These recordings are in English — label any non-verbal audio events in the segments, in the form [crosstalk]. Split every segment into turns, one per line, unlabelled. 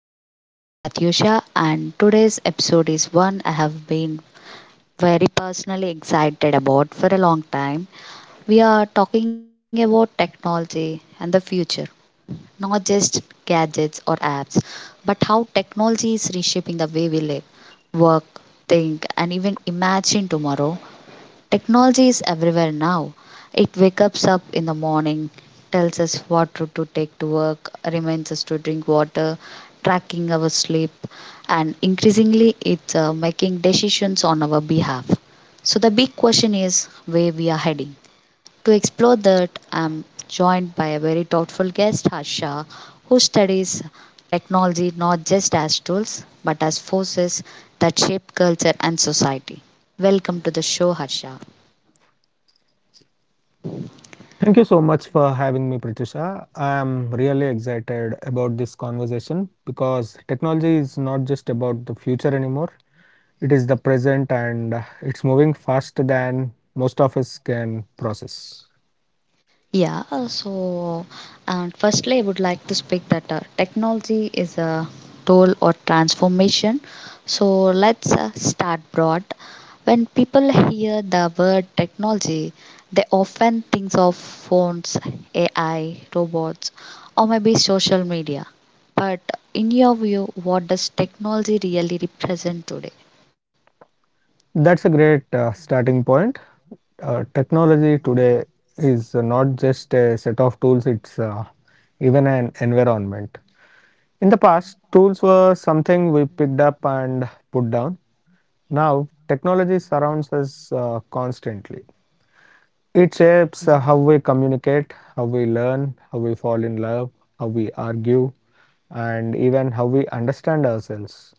I'm your host Pratyusha, and today's episode is one I have been very personally excited about for a long time. We are talking about technology and the future, not just gadgets or apps, but how technology is reshaping the way we live, work, think, and even imagine tomorrow. Technology is everywhere now. It wakes us up in the morning, tells us what route to take to work, reminds us to drink water, tracking our sleep, and increasingly it's making decisions on our behalf. So the big question is where we are heading. To explore that, I'm joined by a very thoughtful guest, Harsha, who studies technology not just as tools but as forces that shape culture and society. Welcome to the show, Harsha.
Thank you so much for having me, Pratyusha. I am really excited about this conversation because technology is not just about the future anymore. It is the present and it's moving faster than most of us can process.
Yeah. So and firstly, I would like to speak that technology is a tool or transformation. So let's start broad. When people hear the word technology, they often think of phones, AI, robots, or maybe social media. But in your view, what does technology really represent today?
That's a great starting point. Technology today is not just a set of tools, it's even an environment. In the past, tools were something we picked up and put down. Now, technology surrounds us constantly. It shapes how we communicate, how we learn, how we fall in love, how we argue, and even how we understand ourselves.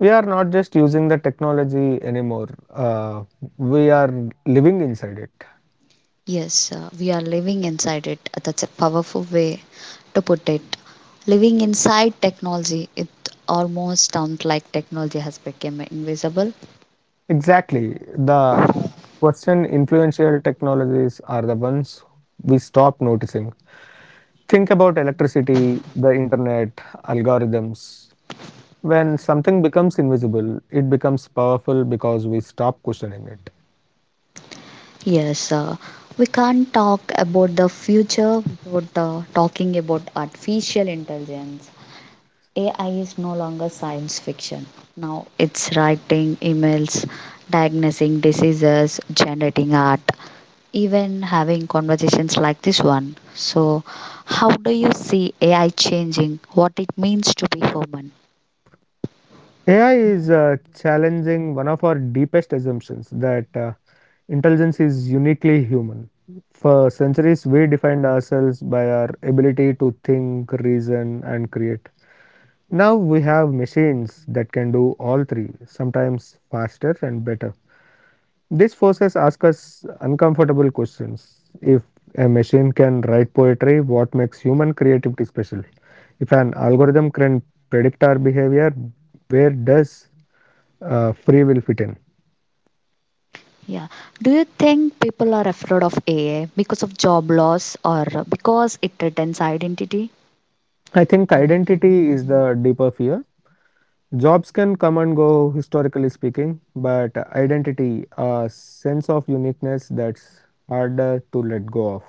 We are not just using the technology anymore, we are living inside it.
Yes, we are living inside it. That's a powerful way to put it. Living inside technology, it almost sounds like technology has become invisible.
Exactly. The Western influential technologies are the ones we stop noticing. Think about electricity, the internet, algorithms. When something becomes invisible, it becomes powerful because we stop questioning it.
Yes, we can't talk about the future without talking about artificial intelligence. AI is no longer science fiction. Now it's writing emails, diagnosing diseases, generating art, even having conversations like this one. So, how do you see AI changing what it means to be human?
AI is challenging one of our deepest assumptions that intelligence is uniquely human. For centuries, we defined ourselves by our ability to think, reason, and create. Now we have machines that can do all three, sometimes faster and better. This forces ask us uncomfortable questions. If a machine can write poetry, what makes human creativity special? If an algorithm can predict our behavior, where does free will fit in?
Yeah. Do you think people are afraid of AI because of job loss or because it threatens identity?
I think identity is the deeper fear. Jobs can come and go, historically speaking, but identity, a sense of uniqueness, that's harder to let go of.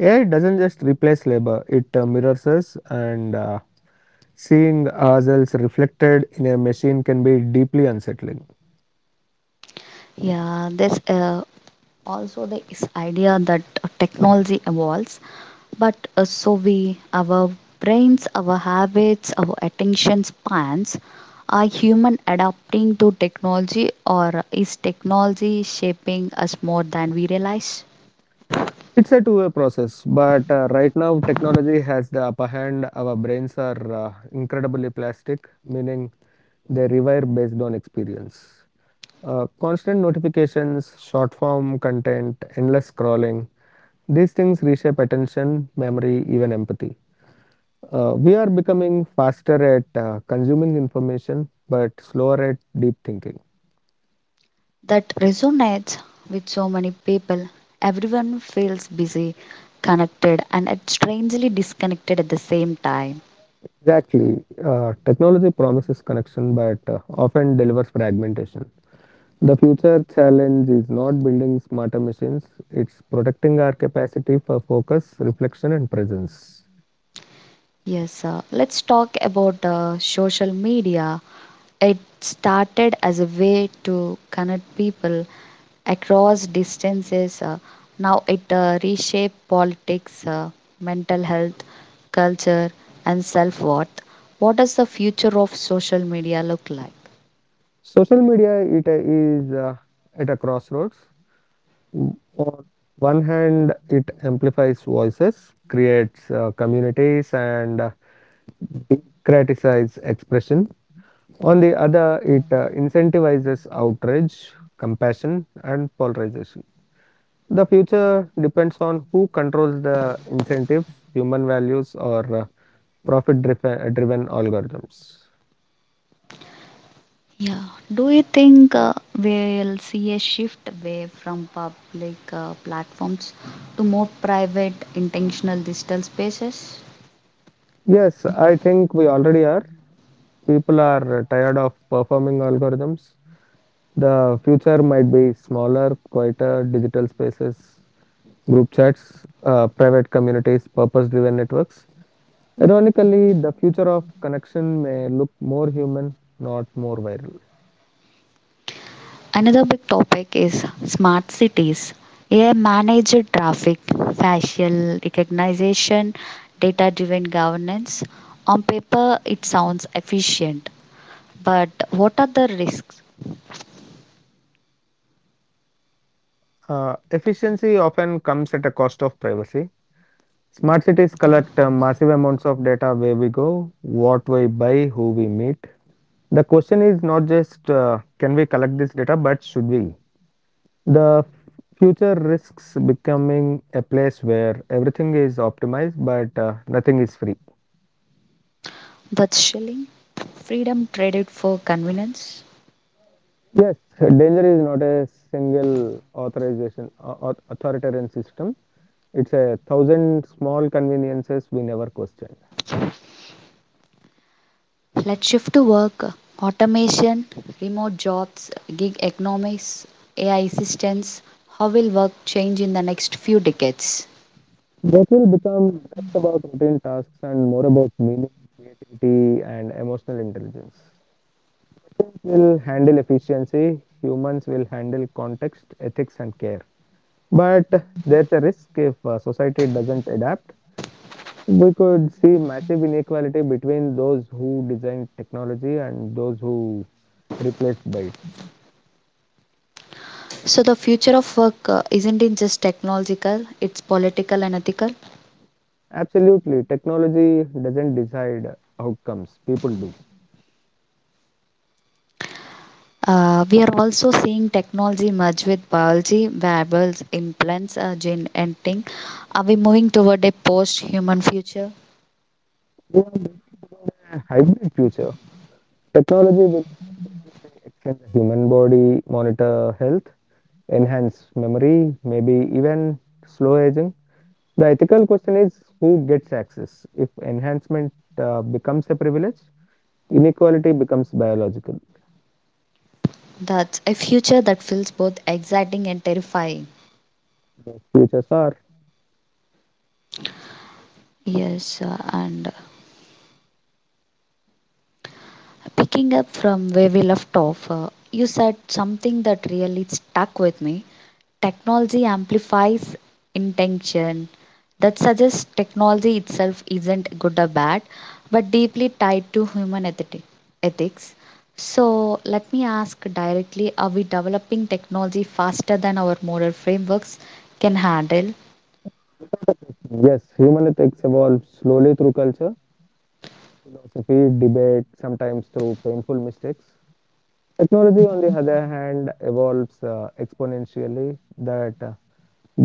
AI doesn't just replace labor, it mirrors us, and seeing ourselves reflected in a machine can be deeply unsettling.
Yeah, this also the is idea that technology evolves, but so we our brains, our habits, our attention spans are human adapting to technology, or is technology shaping us more than we realize?
It's a two-way process, but right now technology has the upper hand. Our brains are incredibly plastic, meaning they rewire based on experience. Constant notifications, short form content, endless scrolling, these things reshape attention, memory, even empathy. We are becoming faster at consuming information, but slower at deep thinking.
That resonates with so many people. Everyone feels busy, connected, and strangely disconnected at the same time.
Exactly. Technology promises connection but often delivers fragmentation. The future challenge is not building smarter machines, it's protecting our capacity for focus, reflection, and presence.
Yes.
Social media it is at a crossroads. On one hand, it amplifies voices, creates communities, and democratizes expression. On the other, it incentivizes outrage, compassion, and polarization. The future depends on who controls the incentives, human values, or profit driven algorithms.
Yeah. Do you think we'll see a shift away from public platforms to more private, intentional digital spaces?
Yes, I think we already are. People are tired of performing algorithms. The future might be smaller, quieter digital spaces, group chats, private communities, purpose driven networks. Ironically, the future of connection may look more human, not more viral.
Another big topic is smart cities. AI managed traffic, facial recognition, data driven governance. On paper, it sounds efficient, but what are the risks?
Efficiency often comes at a cost of privacy. Smart cities collect massive amounts of data, where we go, what we buy, who we meet. The question is not just can we collect this data, but should we? The future risks becoming a place where everything is optimized but nothing is free.
That's shelling, freedom traded for convenience.
Yes, danger is not a single authorization, authoritarian system. It's a thousand small conveniences we never questioned.
Let's shift to work, automation, remote jobs, gig economics, AI assistance. How will work change in the next few decades?
That will become less about routine tasks and more about meaning, creativity, and emotional intelligence. Machines will handle efficiency, humans will handle context, ethics, and care. But there's a risk if society doesn't adapt. We could see massive inequality between those who design technology and those who replace by it.
So, the future of work isn't in just technological, it's political and ethical.
Absolutely, technology doesn't decide outcomes, people do.
We are also seeing technology merge with biology, variables, implants, gene editing. Are we moving toward a post human future?
We are looking a hybrid future. Technology will increasingly extend the human body, monitor health, enhance memory, maybe even slow aging. The ethical question is who gets access? If enhancement becomes a privilege, inequality becomes biological.
That's a future that feels both exciting and terrifying.
Futures are
Yes, and picking up from where we left off, you said something that really stuck with me. Technology amplifies intention. That suggests technology itself isn't good or bad, but deeply tied to human ethics. So, let me ask directly, are we developing technology faster than our moral frameworks can handle?
yes, human ethics evolves slowly through culture, philosophy, debate, sometimes through painful mistakes. Technology, on the other hand, evolves exponentially. That uh,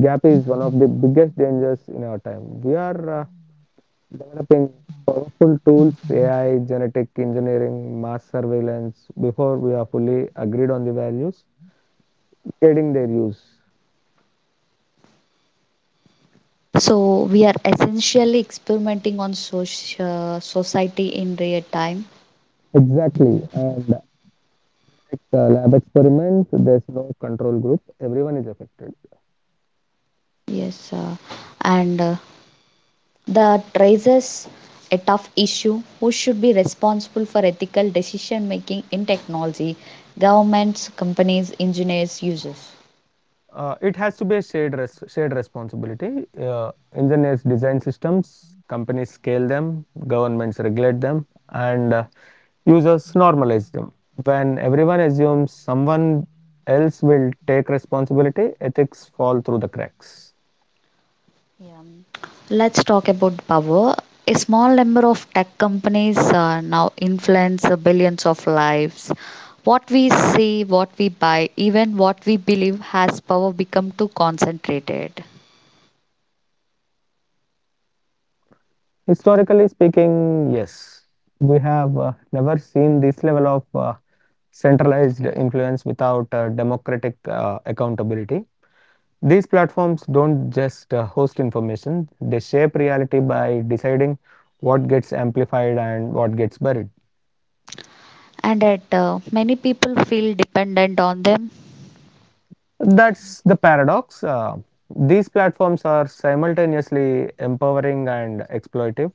Gap is one of the biggest dangers in our time. We are developing powerful tools, AI, genetic engineering, mass surveillance, before we are fully agreed on the values, aiding their use.
So, we are essentially experimenting on social society in real time.
Exactly. And like lab experiments, there's no control group, everyone is affected.
Yes, and that raises a tough issue. Who should be responsible for ethical decision making in technology? Governments, companies, engineers, users.
It has to be a shared responsibility. Engineers design systems, companies scale them, governments regulate them, and users normalize them. When everyone assumes someone else will take responsibility, ethics fall through the cracks.
Let's talk about power. A small number of tech companies now influence billions of lives. What we see, what we buy, even what we believe, has power become too concentrated?
Historically speaking, yes, we have never seen this level of centralized influence without democratic accountability. These platforms don't just host information, they shape reality by deciding what gets amplified and what gets buried.
And that many people feel dependent on them.
That's the paradox. These platforms are simultaneously empowering and exploitive.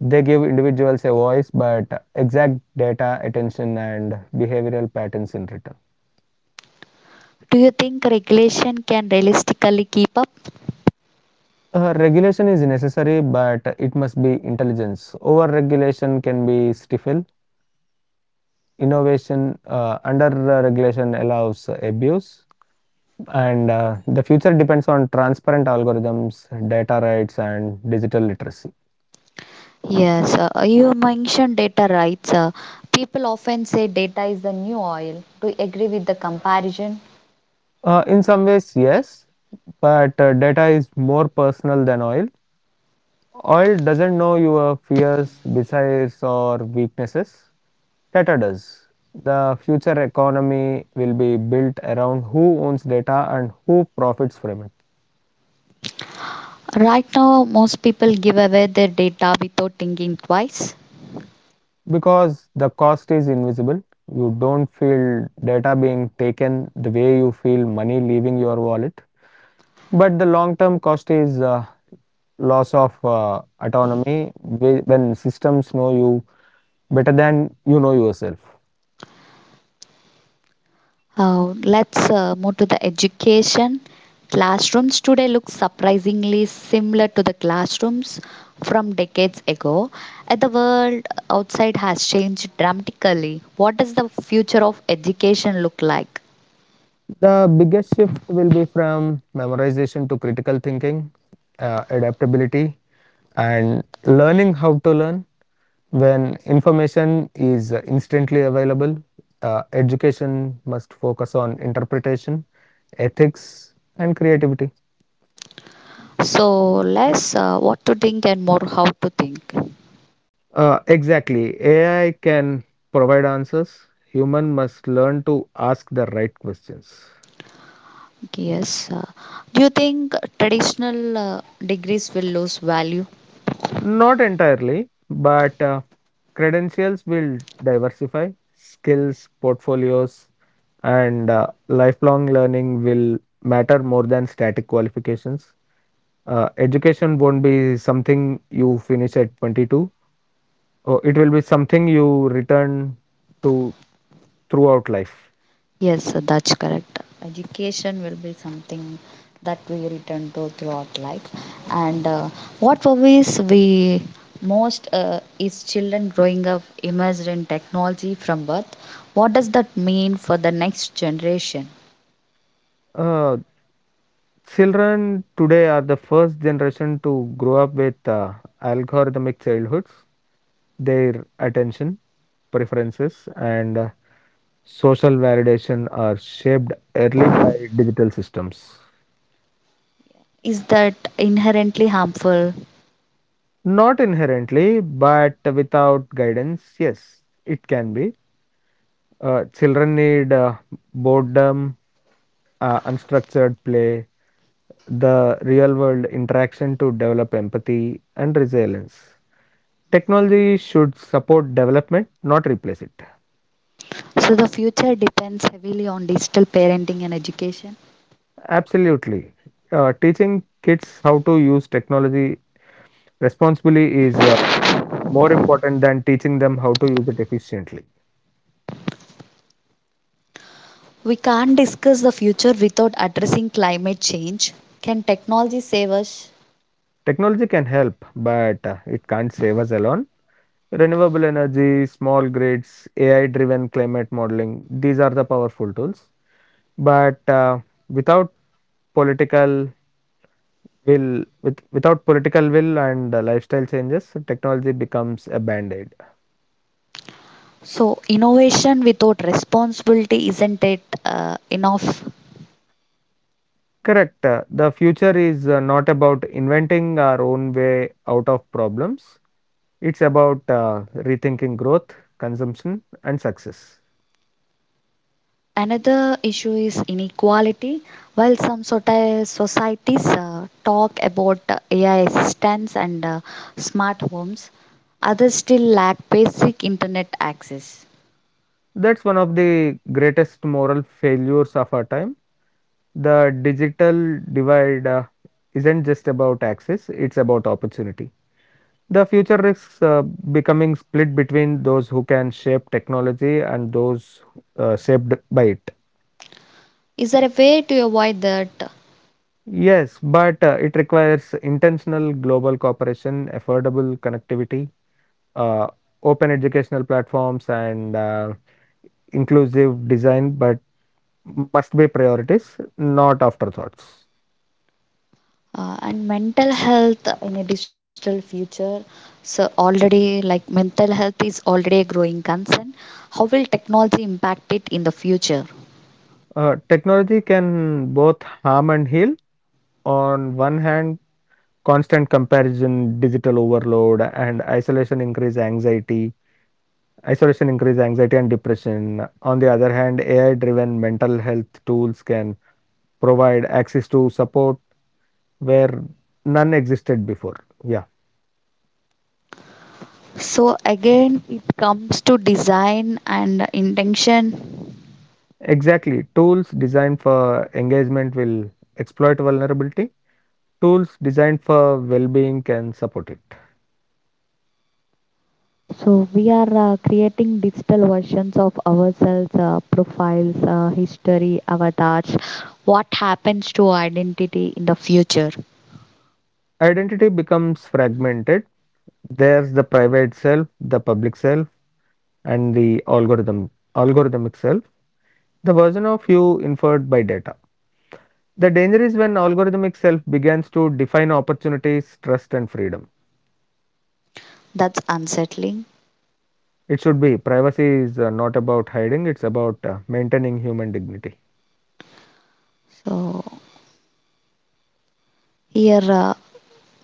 They give individuals a voice, but exact data, attention, and behavioral patterns in return.
Do you think regulation can realistically keep up?
Regulation is necessary, but it must be intelligence. Over regulation can be stifle, innovation under regulation allows abuse, and the future depends on transparent algorithms, data rights, and digital literacy.
Yes, you mentioned data rights. People often say data is the new oil. Do you agree with the comparison?
In some ways yes, but data is more personal than oil. Oil doesn't know your fears, desires, or weaknesses. Data does. The future economy will be built around who owns data and who profits from it.
Right now, most people give away their data without thinking twice.
Because the cost is invisible, you don't feel data being taken the way you feel money leaving your wallet. But the long term cost is loss of autonomy, when systems know you better than you know yourself.
Let's move to the education. Classrooms today look surprisingly similar to the classrooms from decades ago. And the world outside has changed dramatically. What does the future of education look like?
The biggest shift will be from memorization to critical thinking, adaptability, and learning how to learn. When information is instantly available, education must focus on interpretation, ethics, and creativity.
So, less what to think and more how to think.
Exactly. AI can provide answers. Human must learn to ask the right questions.
Yes. Do you think traditional degrees will lose value?
Not entirely, but credentials will diversify. Skills, portfolios, and lifelong learning will matter more than static qualifications. Education won't be something you finish at 22, or it will be something you return to throughout life.
Yes, sir, that's correct. Education will be something that we return to throughout life. And what worries we most is children growing up immersed in technology from birth. What does that mean for the next generation?
Uh, children today are the first generation to grow up with algorithmic childhoods. Their attention, preferences, and social validation are shaped early by digital systems.
Is that inherently harmful?
Not inherently, but without guidance, yes, it can be. Children need boredom, unstructured play, the real world interaction to develop empathy and resilience. Technology should support development, not replace it.
So the future depends heavily on digital parenting and education.
Absolutely. Teaching kids how to use technology responsibly is more important than teaching them how to use it efficiently.
We can't discuss the future without addressing climate change. Can technology save us?
Technology can help, but it can't save us alone. Renewable energy, small grids, AI driven climate modeling, these are the powerful tools. But without political will with without political will and lifestyle changes, technology becomes a band-aid.
So, innovation without responsibility isn't it enough?
Correct. The future is not about inventing our own way out of problems, it's about rethinking growth, consumption, and success.
Another issue is inequality. While some sorta societies talk about AI assistance and smart homes, others still lack basic internet access.
That's one of the greatest moral failures of our time. The digital divide isn't just about access, it's about opportunity. The future risks becoming split between those who can shape technology and those shaped by it.
Is there a way to avoid that?
Yes, but it requires intentional global cooperation, affordable connectivity, uh, open educational platforms, and inclusive design, but must be priorities, not afterthoughts.
And mental health in a digital future. So, already, like mental health is already a growing concern. How will technology impact it in the future?
Technology can both harm and heal. On one hand, constant comparison, digital overload, and isolation increases anxiety and depression. On the other hand, AI driven mental health tools can provide access to support where none existed before. Yeah,
So again, it comes to design and intention.
exactly. Tools designed for engagement will exploit vulnerability, tools designed for well being can support it.
So we are creating digital versions of ourselves, profiles, history, avatars. What happens to identity in the future?
Identity becomes fragmented. There's the private self, the public self, and algorithmic self, the version of you inferred by data. The danger is when algorithmic self begins to define opportunities, trust, and freedom.
That's unsettling.
It should be privacy is not about hiding, it's about maintaining human dignity.
So here,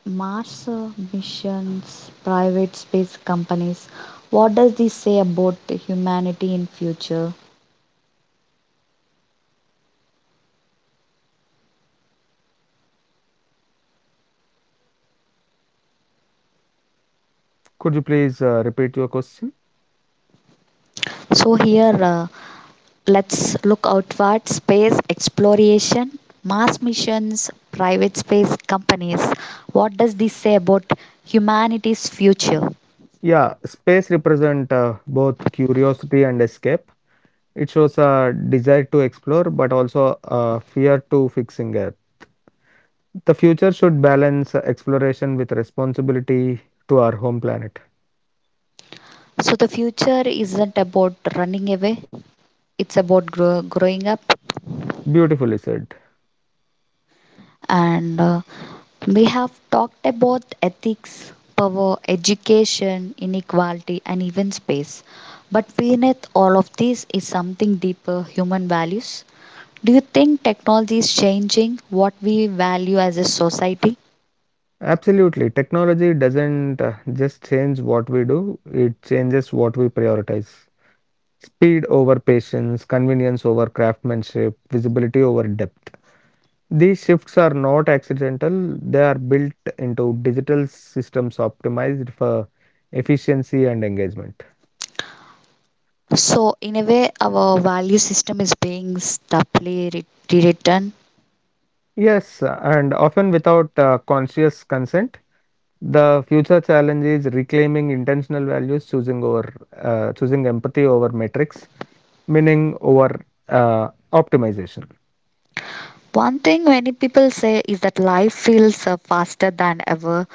Mars missions, private space companies. What does this say about humanity in future?
Could you please repeat your question?
So here, uh, let's look outward, space exploration, Mars missions, private space companies. What does this say about humanity's future?
Yeah, space represent both curiosity and escape. It shows a desire to explore, but also a fear to fixing it. The future should balance exploration with responsibility to our home planet.
So the future isn't about running away, it's about growing up.
Beautifully said.
And we have talked about ethics, power, education, inequality, and even space. But beneath all of this is something deeper, human values. Do you think technology is changing what we value as a society?
Absolutely. Technology doesn't just change what we do, it changes what we prioritize. Speed over patience, convenience over craftsmanship, visibility over depth. These shifts are not accidental, they are built into digital systems optimized for efficiency and engagement.
So, in a way, our value system is being stably rewritten.
Yes, and often without conscious consent. The future challenge is reclaiming intentional values, choosing empathy over metrics, meaning over optimization.
One thing many people say is that life feels faster than ever.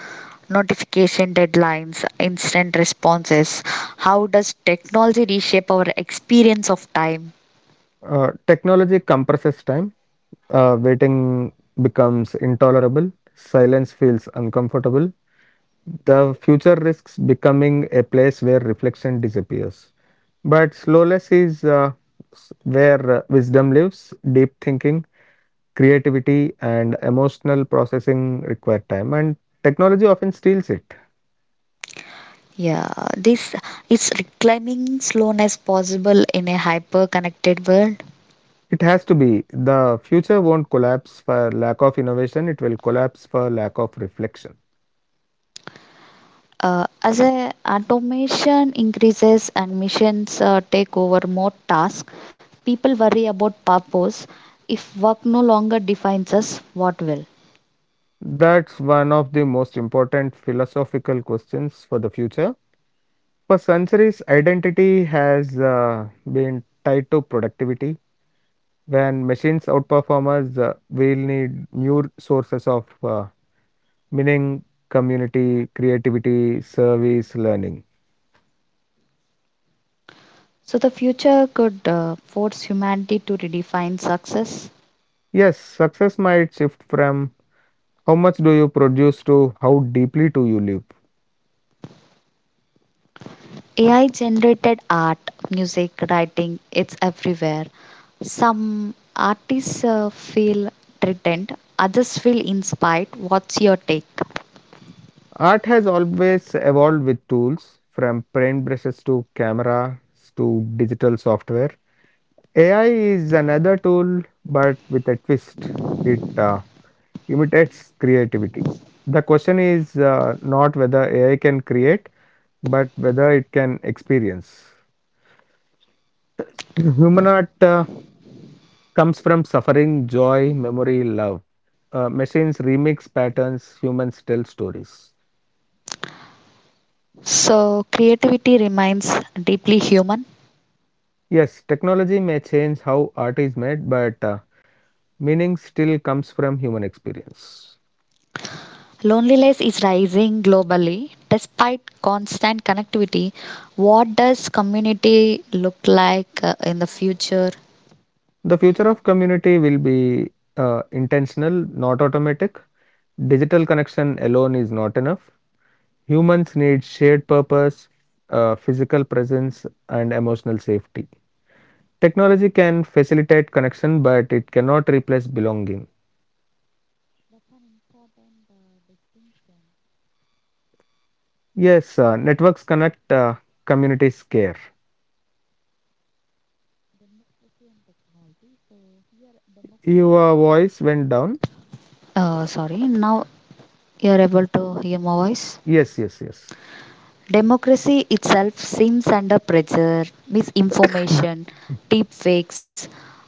Notification deadlines, instant responses. How does technology reshape our experience of time?
Technology compresses time. Waiting becomes intolerable. Silence feels uncomfortable. The future risks becoming a place where reflection disappears. But slowness is where wisdom lives. Deep thinking, creativity, and emotional processing require time, and technology often steals it.
Yeah, this is reclaiming slowness possible in a hyper connected world.
It has to be. The future won't collapse for lack of innovation, it will collapse for lack of reflection.
As a automation increases and missions take over more tasks, people worry about purpose. If work no longer defines us, what will?
That's one of the most important philosophical questions for the future. For centuries, identity has been tied to productivity. When machines outperform us, we'll need new sources of meaning, community, creativity, service, learning.
So the future could force humanity to redefine success.
Yes, success might shift from how much do you produce to how deeply do you live.
AI generated art, music, writing, it's everywhere. Some artists feel threatened, others feel inspired. What's your take?
Art has always evolved with tools from paint brushes to cameras to digital software. AI is another tool, but with a twist, it imitates creativity. The question is not whether AI can create, but whether it can experience. Human art comes from suffering, joy, memory, love. Machines remix patterns, humans tell stories.
So, creativity remains deeply human.
Yes, technology may change how art is made, but meaning still comes from human experience.
Loneliness is rising globally. Despite constant connectivity, what does community look like in the future?
The future of community will be intentional, not automatic. Digital connection alone is not enough. Humans need shared purpose, physical presence, and emotional safety. Technology can facilitate connection, but it cannot replace belonging. Yes, networks connect, communities care. Your voice went down.
Sorry, now you are able to hear my voice.
Yes, yes, yes.
Democracy itself seems under pressure.
[laughs]
Misinformation, deep fakes,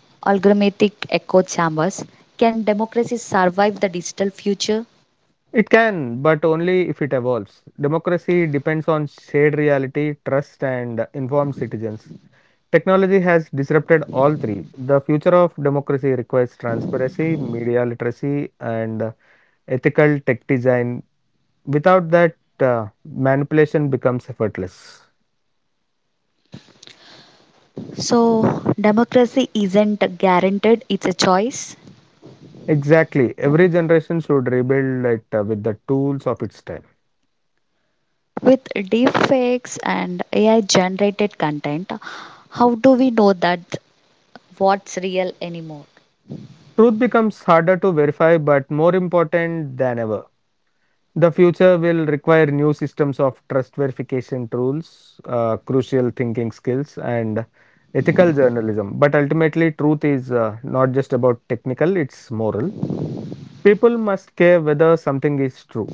algorithmic echo chambers. Can democracy survive the digital future?
It can, but only if it evolves. Democracy depends on shared reality, trust, and informed citizens. Technology has disrupted all three. The future of democracy requires transparency, media literacy, and ethical tech design. Without that, manipulation becomes effortless.
So, democracy isn't guaranteed, it's a choice.
Exactly. Every generation should rebuild it with the tools of its time.
With deep fakes and AI generated content, how do we know that what's real anymore?
Truth becomes harder to verify, but more important than ever. The future will require new systems of trust verification tools, crucial thinking skills, and ethical journalism. But ultimately, truth is not just about technical, it's moral. People must care whether something is true.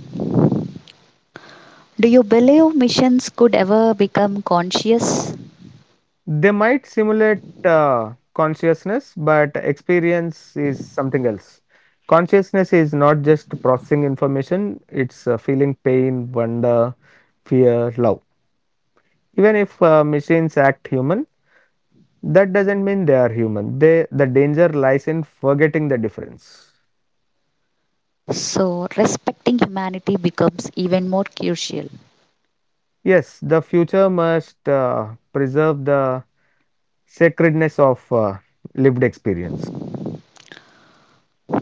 Do you believe missions could ever become conscious?
They might simulate consciousness, but experience is something else. Consciousness is not just processing information, it's feeling pain, wonder, fear, love. Even if machines act human, that doesn't mean they are human. The danger lies in forgetting the difference.
So, respecting humanity becomes even more crucial.
Yes, the future must preserve the sacredness of lived experience.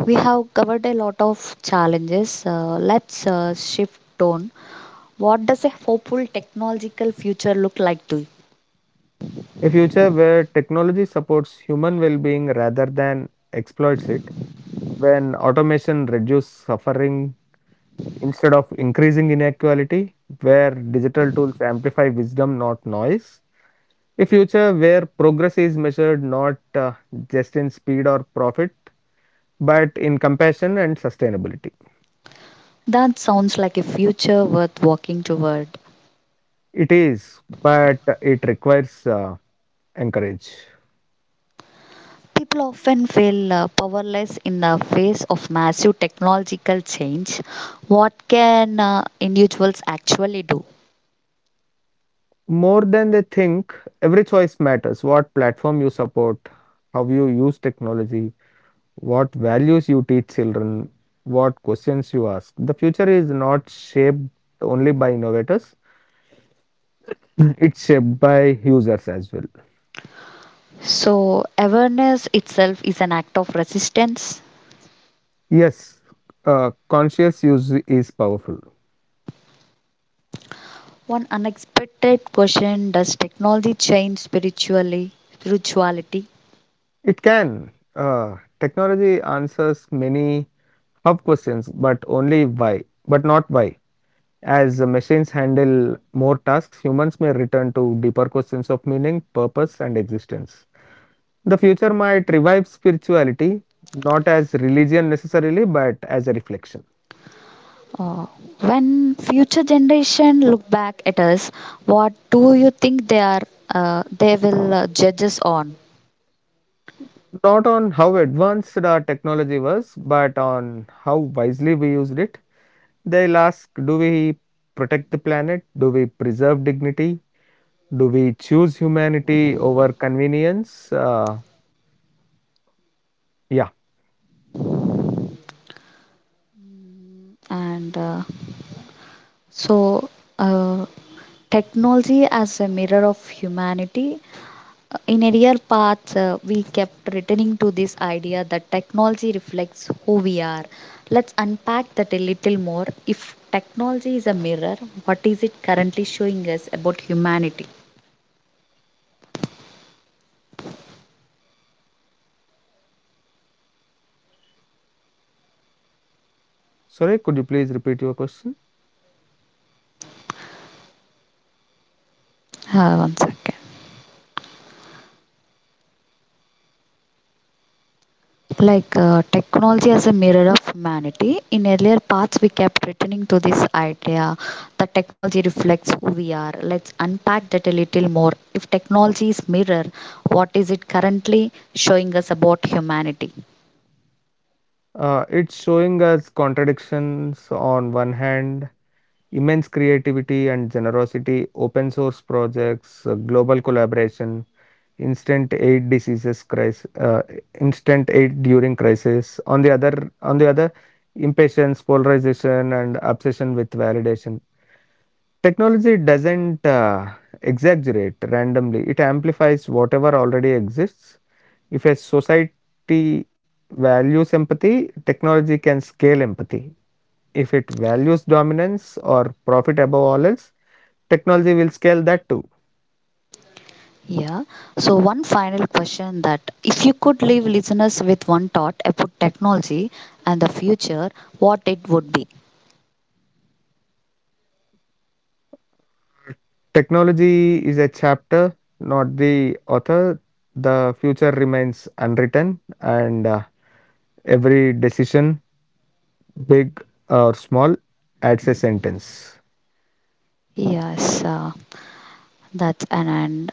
We have covered a lot of challenges. Let's shift tone. What does a hopeful technological future look like to you?
A future where technology supports human well being rather than exploits it, when automation reduces suffering instead of increasing inequality, where digital tools amplify wisdom, not noise. A future where progress is measured not just in speed or profit, but in compassion and sustainability.
That sounds like a future worth walking toward.
It is, but it requires encourage.
People often feel powerless in the face of massive technological change. What can individuals actually do?
More than they think, every choice matters. What platform you support, how you use technology, what values you teach children, what questions you ask. The future is not shaped only by innovators, it's shaped by users as well.
So, awareness itself is an act of resistance.
Yes, conscious use is powerful.
One unexpected question: does technology change spiritually spirituality?
It can. Technology answers many hub questions, but only why, but not why. As machines handle more tasks, humans may return to deeper questions of meaning, purpose, and existence. The future might revive spirituality, not as religion necessarily, but as a reflection.
Uh, when future generation look back at us, what do you think they are? They will judge us on,
Not on how advanced our technology was, but on how wisely we used it. They'll ask, do we protect the planet? Do we preserve dignity? Do we choose humanity over convenience? Yeah.
and so uh, technology as a mirror of humanity. In earlier parts, we kept returning to this idea that technology reflects who we are. Let's unpack that a little more. If technology is a mirror, what is it currently showing us about humanity?
Sorry, could you please repeat your question?
One second. Like technology as a mirror of humanity. In earlier parts, we kept returning to this idea that technology reflects who we are. Let's unpack that a little more. If technology is mirror, what is it currently showing us about humanity?
It's showing us contradictions on one hand, immense creativity and generosity, open source projects, global collaboration, instant aid diseases crisis, instant aid during crisis. On the other, impatience, polarization, and obsession with validation. Technology doesn't exaggerate randomly; it amplifies whatever already exists. If a society values empathy, technology can scale empathy. If it values dominance or profit above all else, technology will scale that too.
Yeah. So, one final question, that if you could leave listeners with one thought about technology and the future, what it would be?
Technology is a chapter, not the author. The future remains unwritten, and every decision, big or small, adds a sentence.
Yes, that's an end.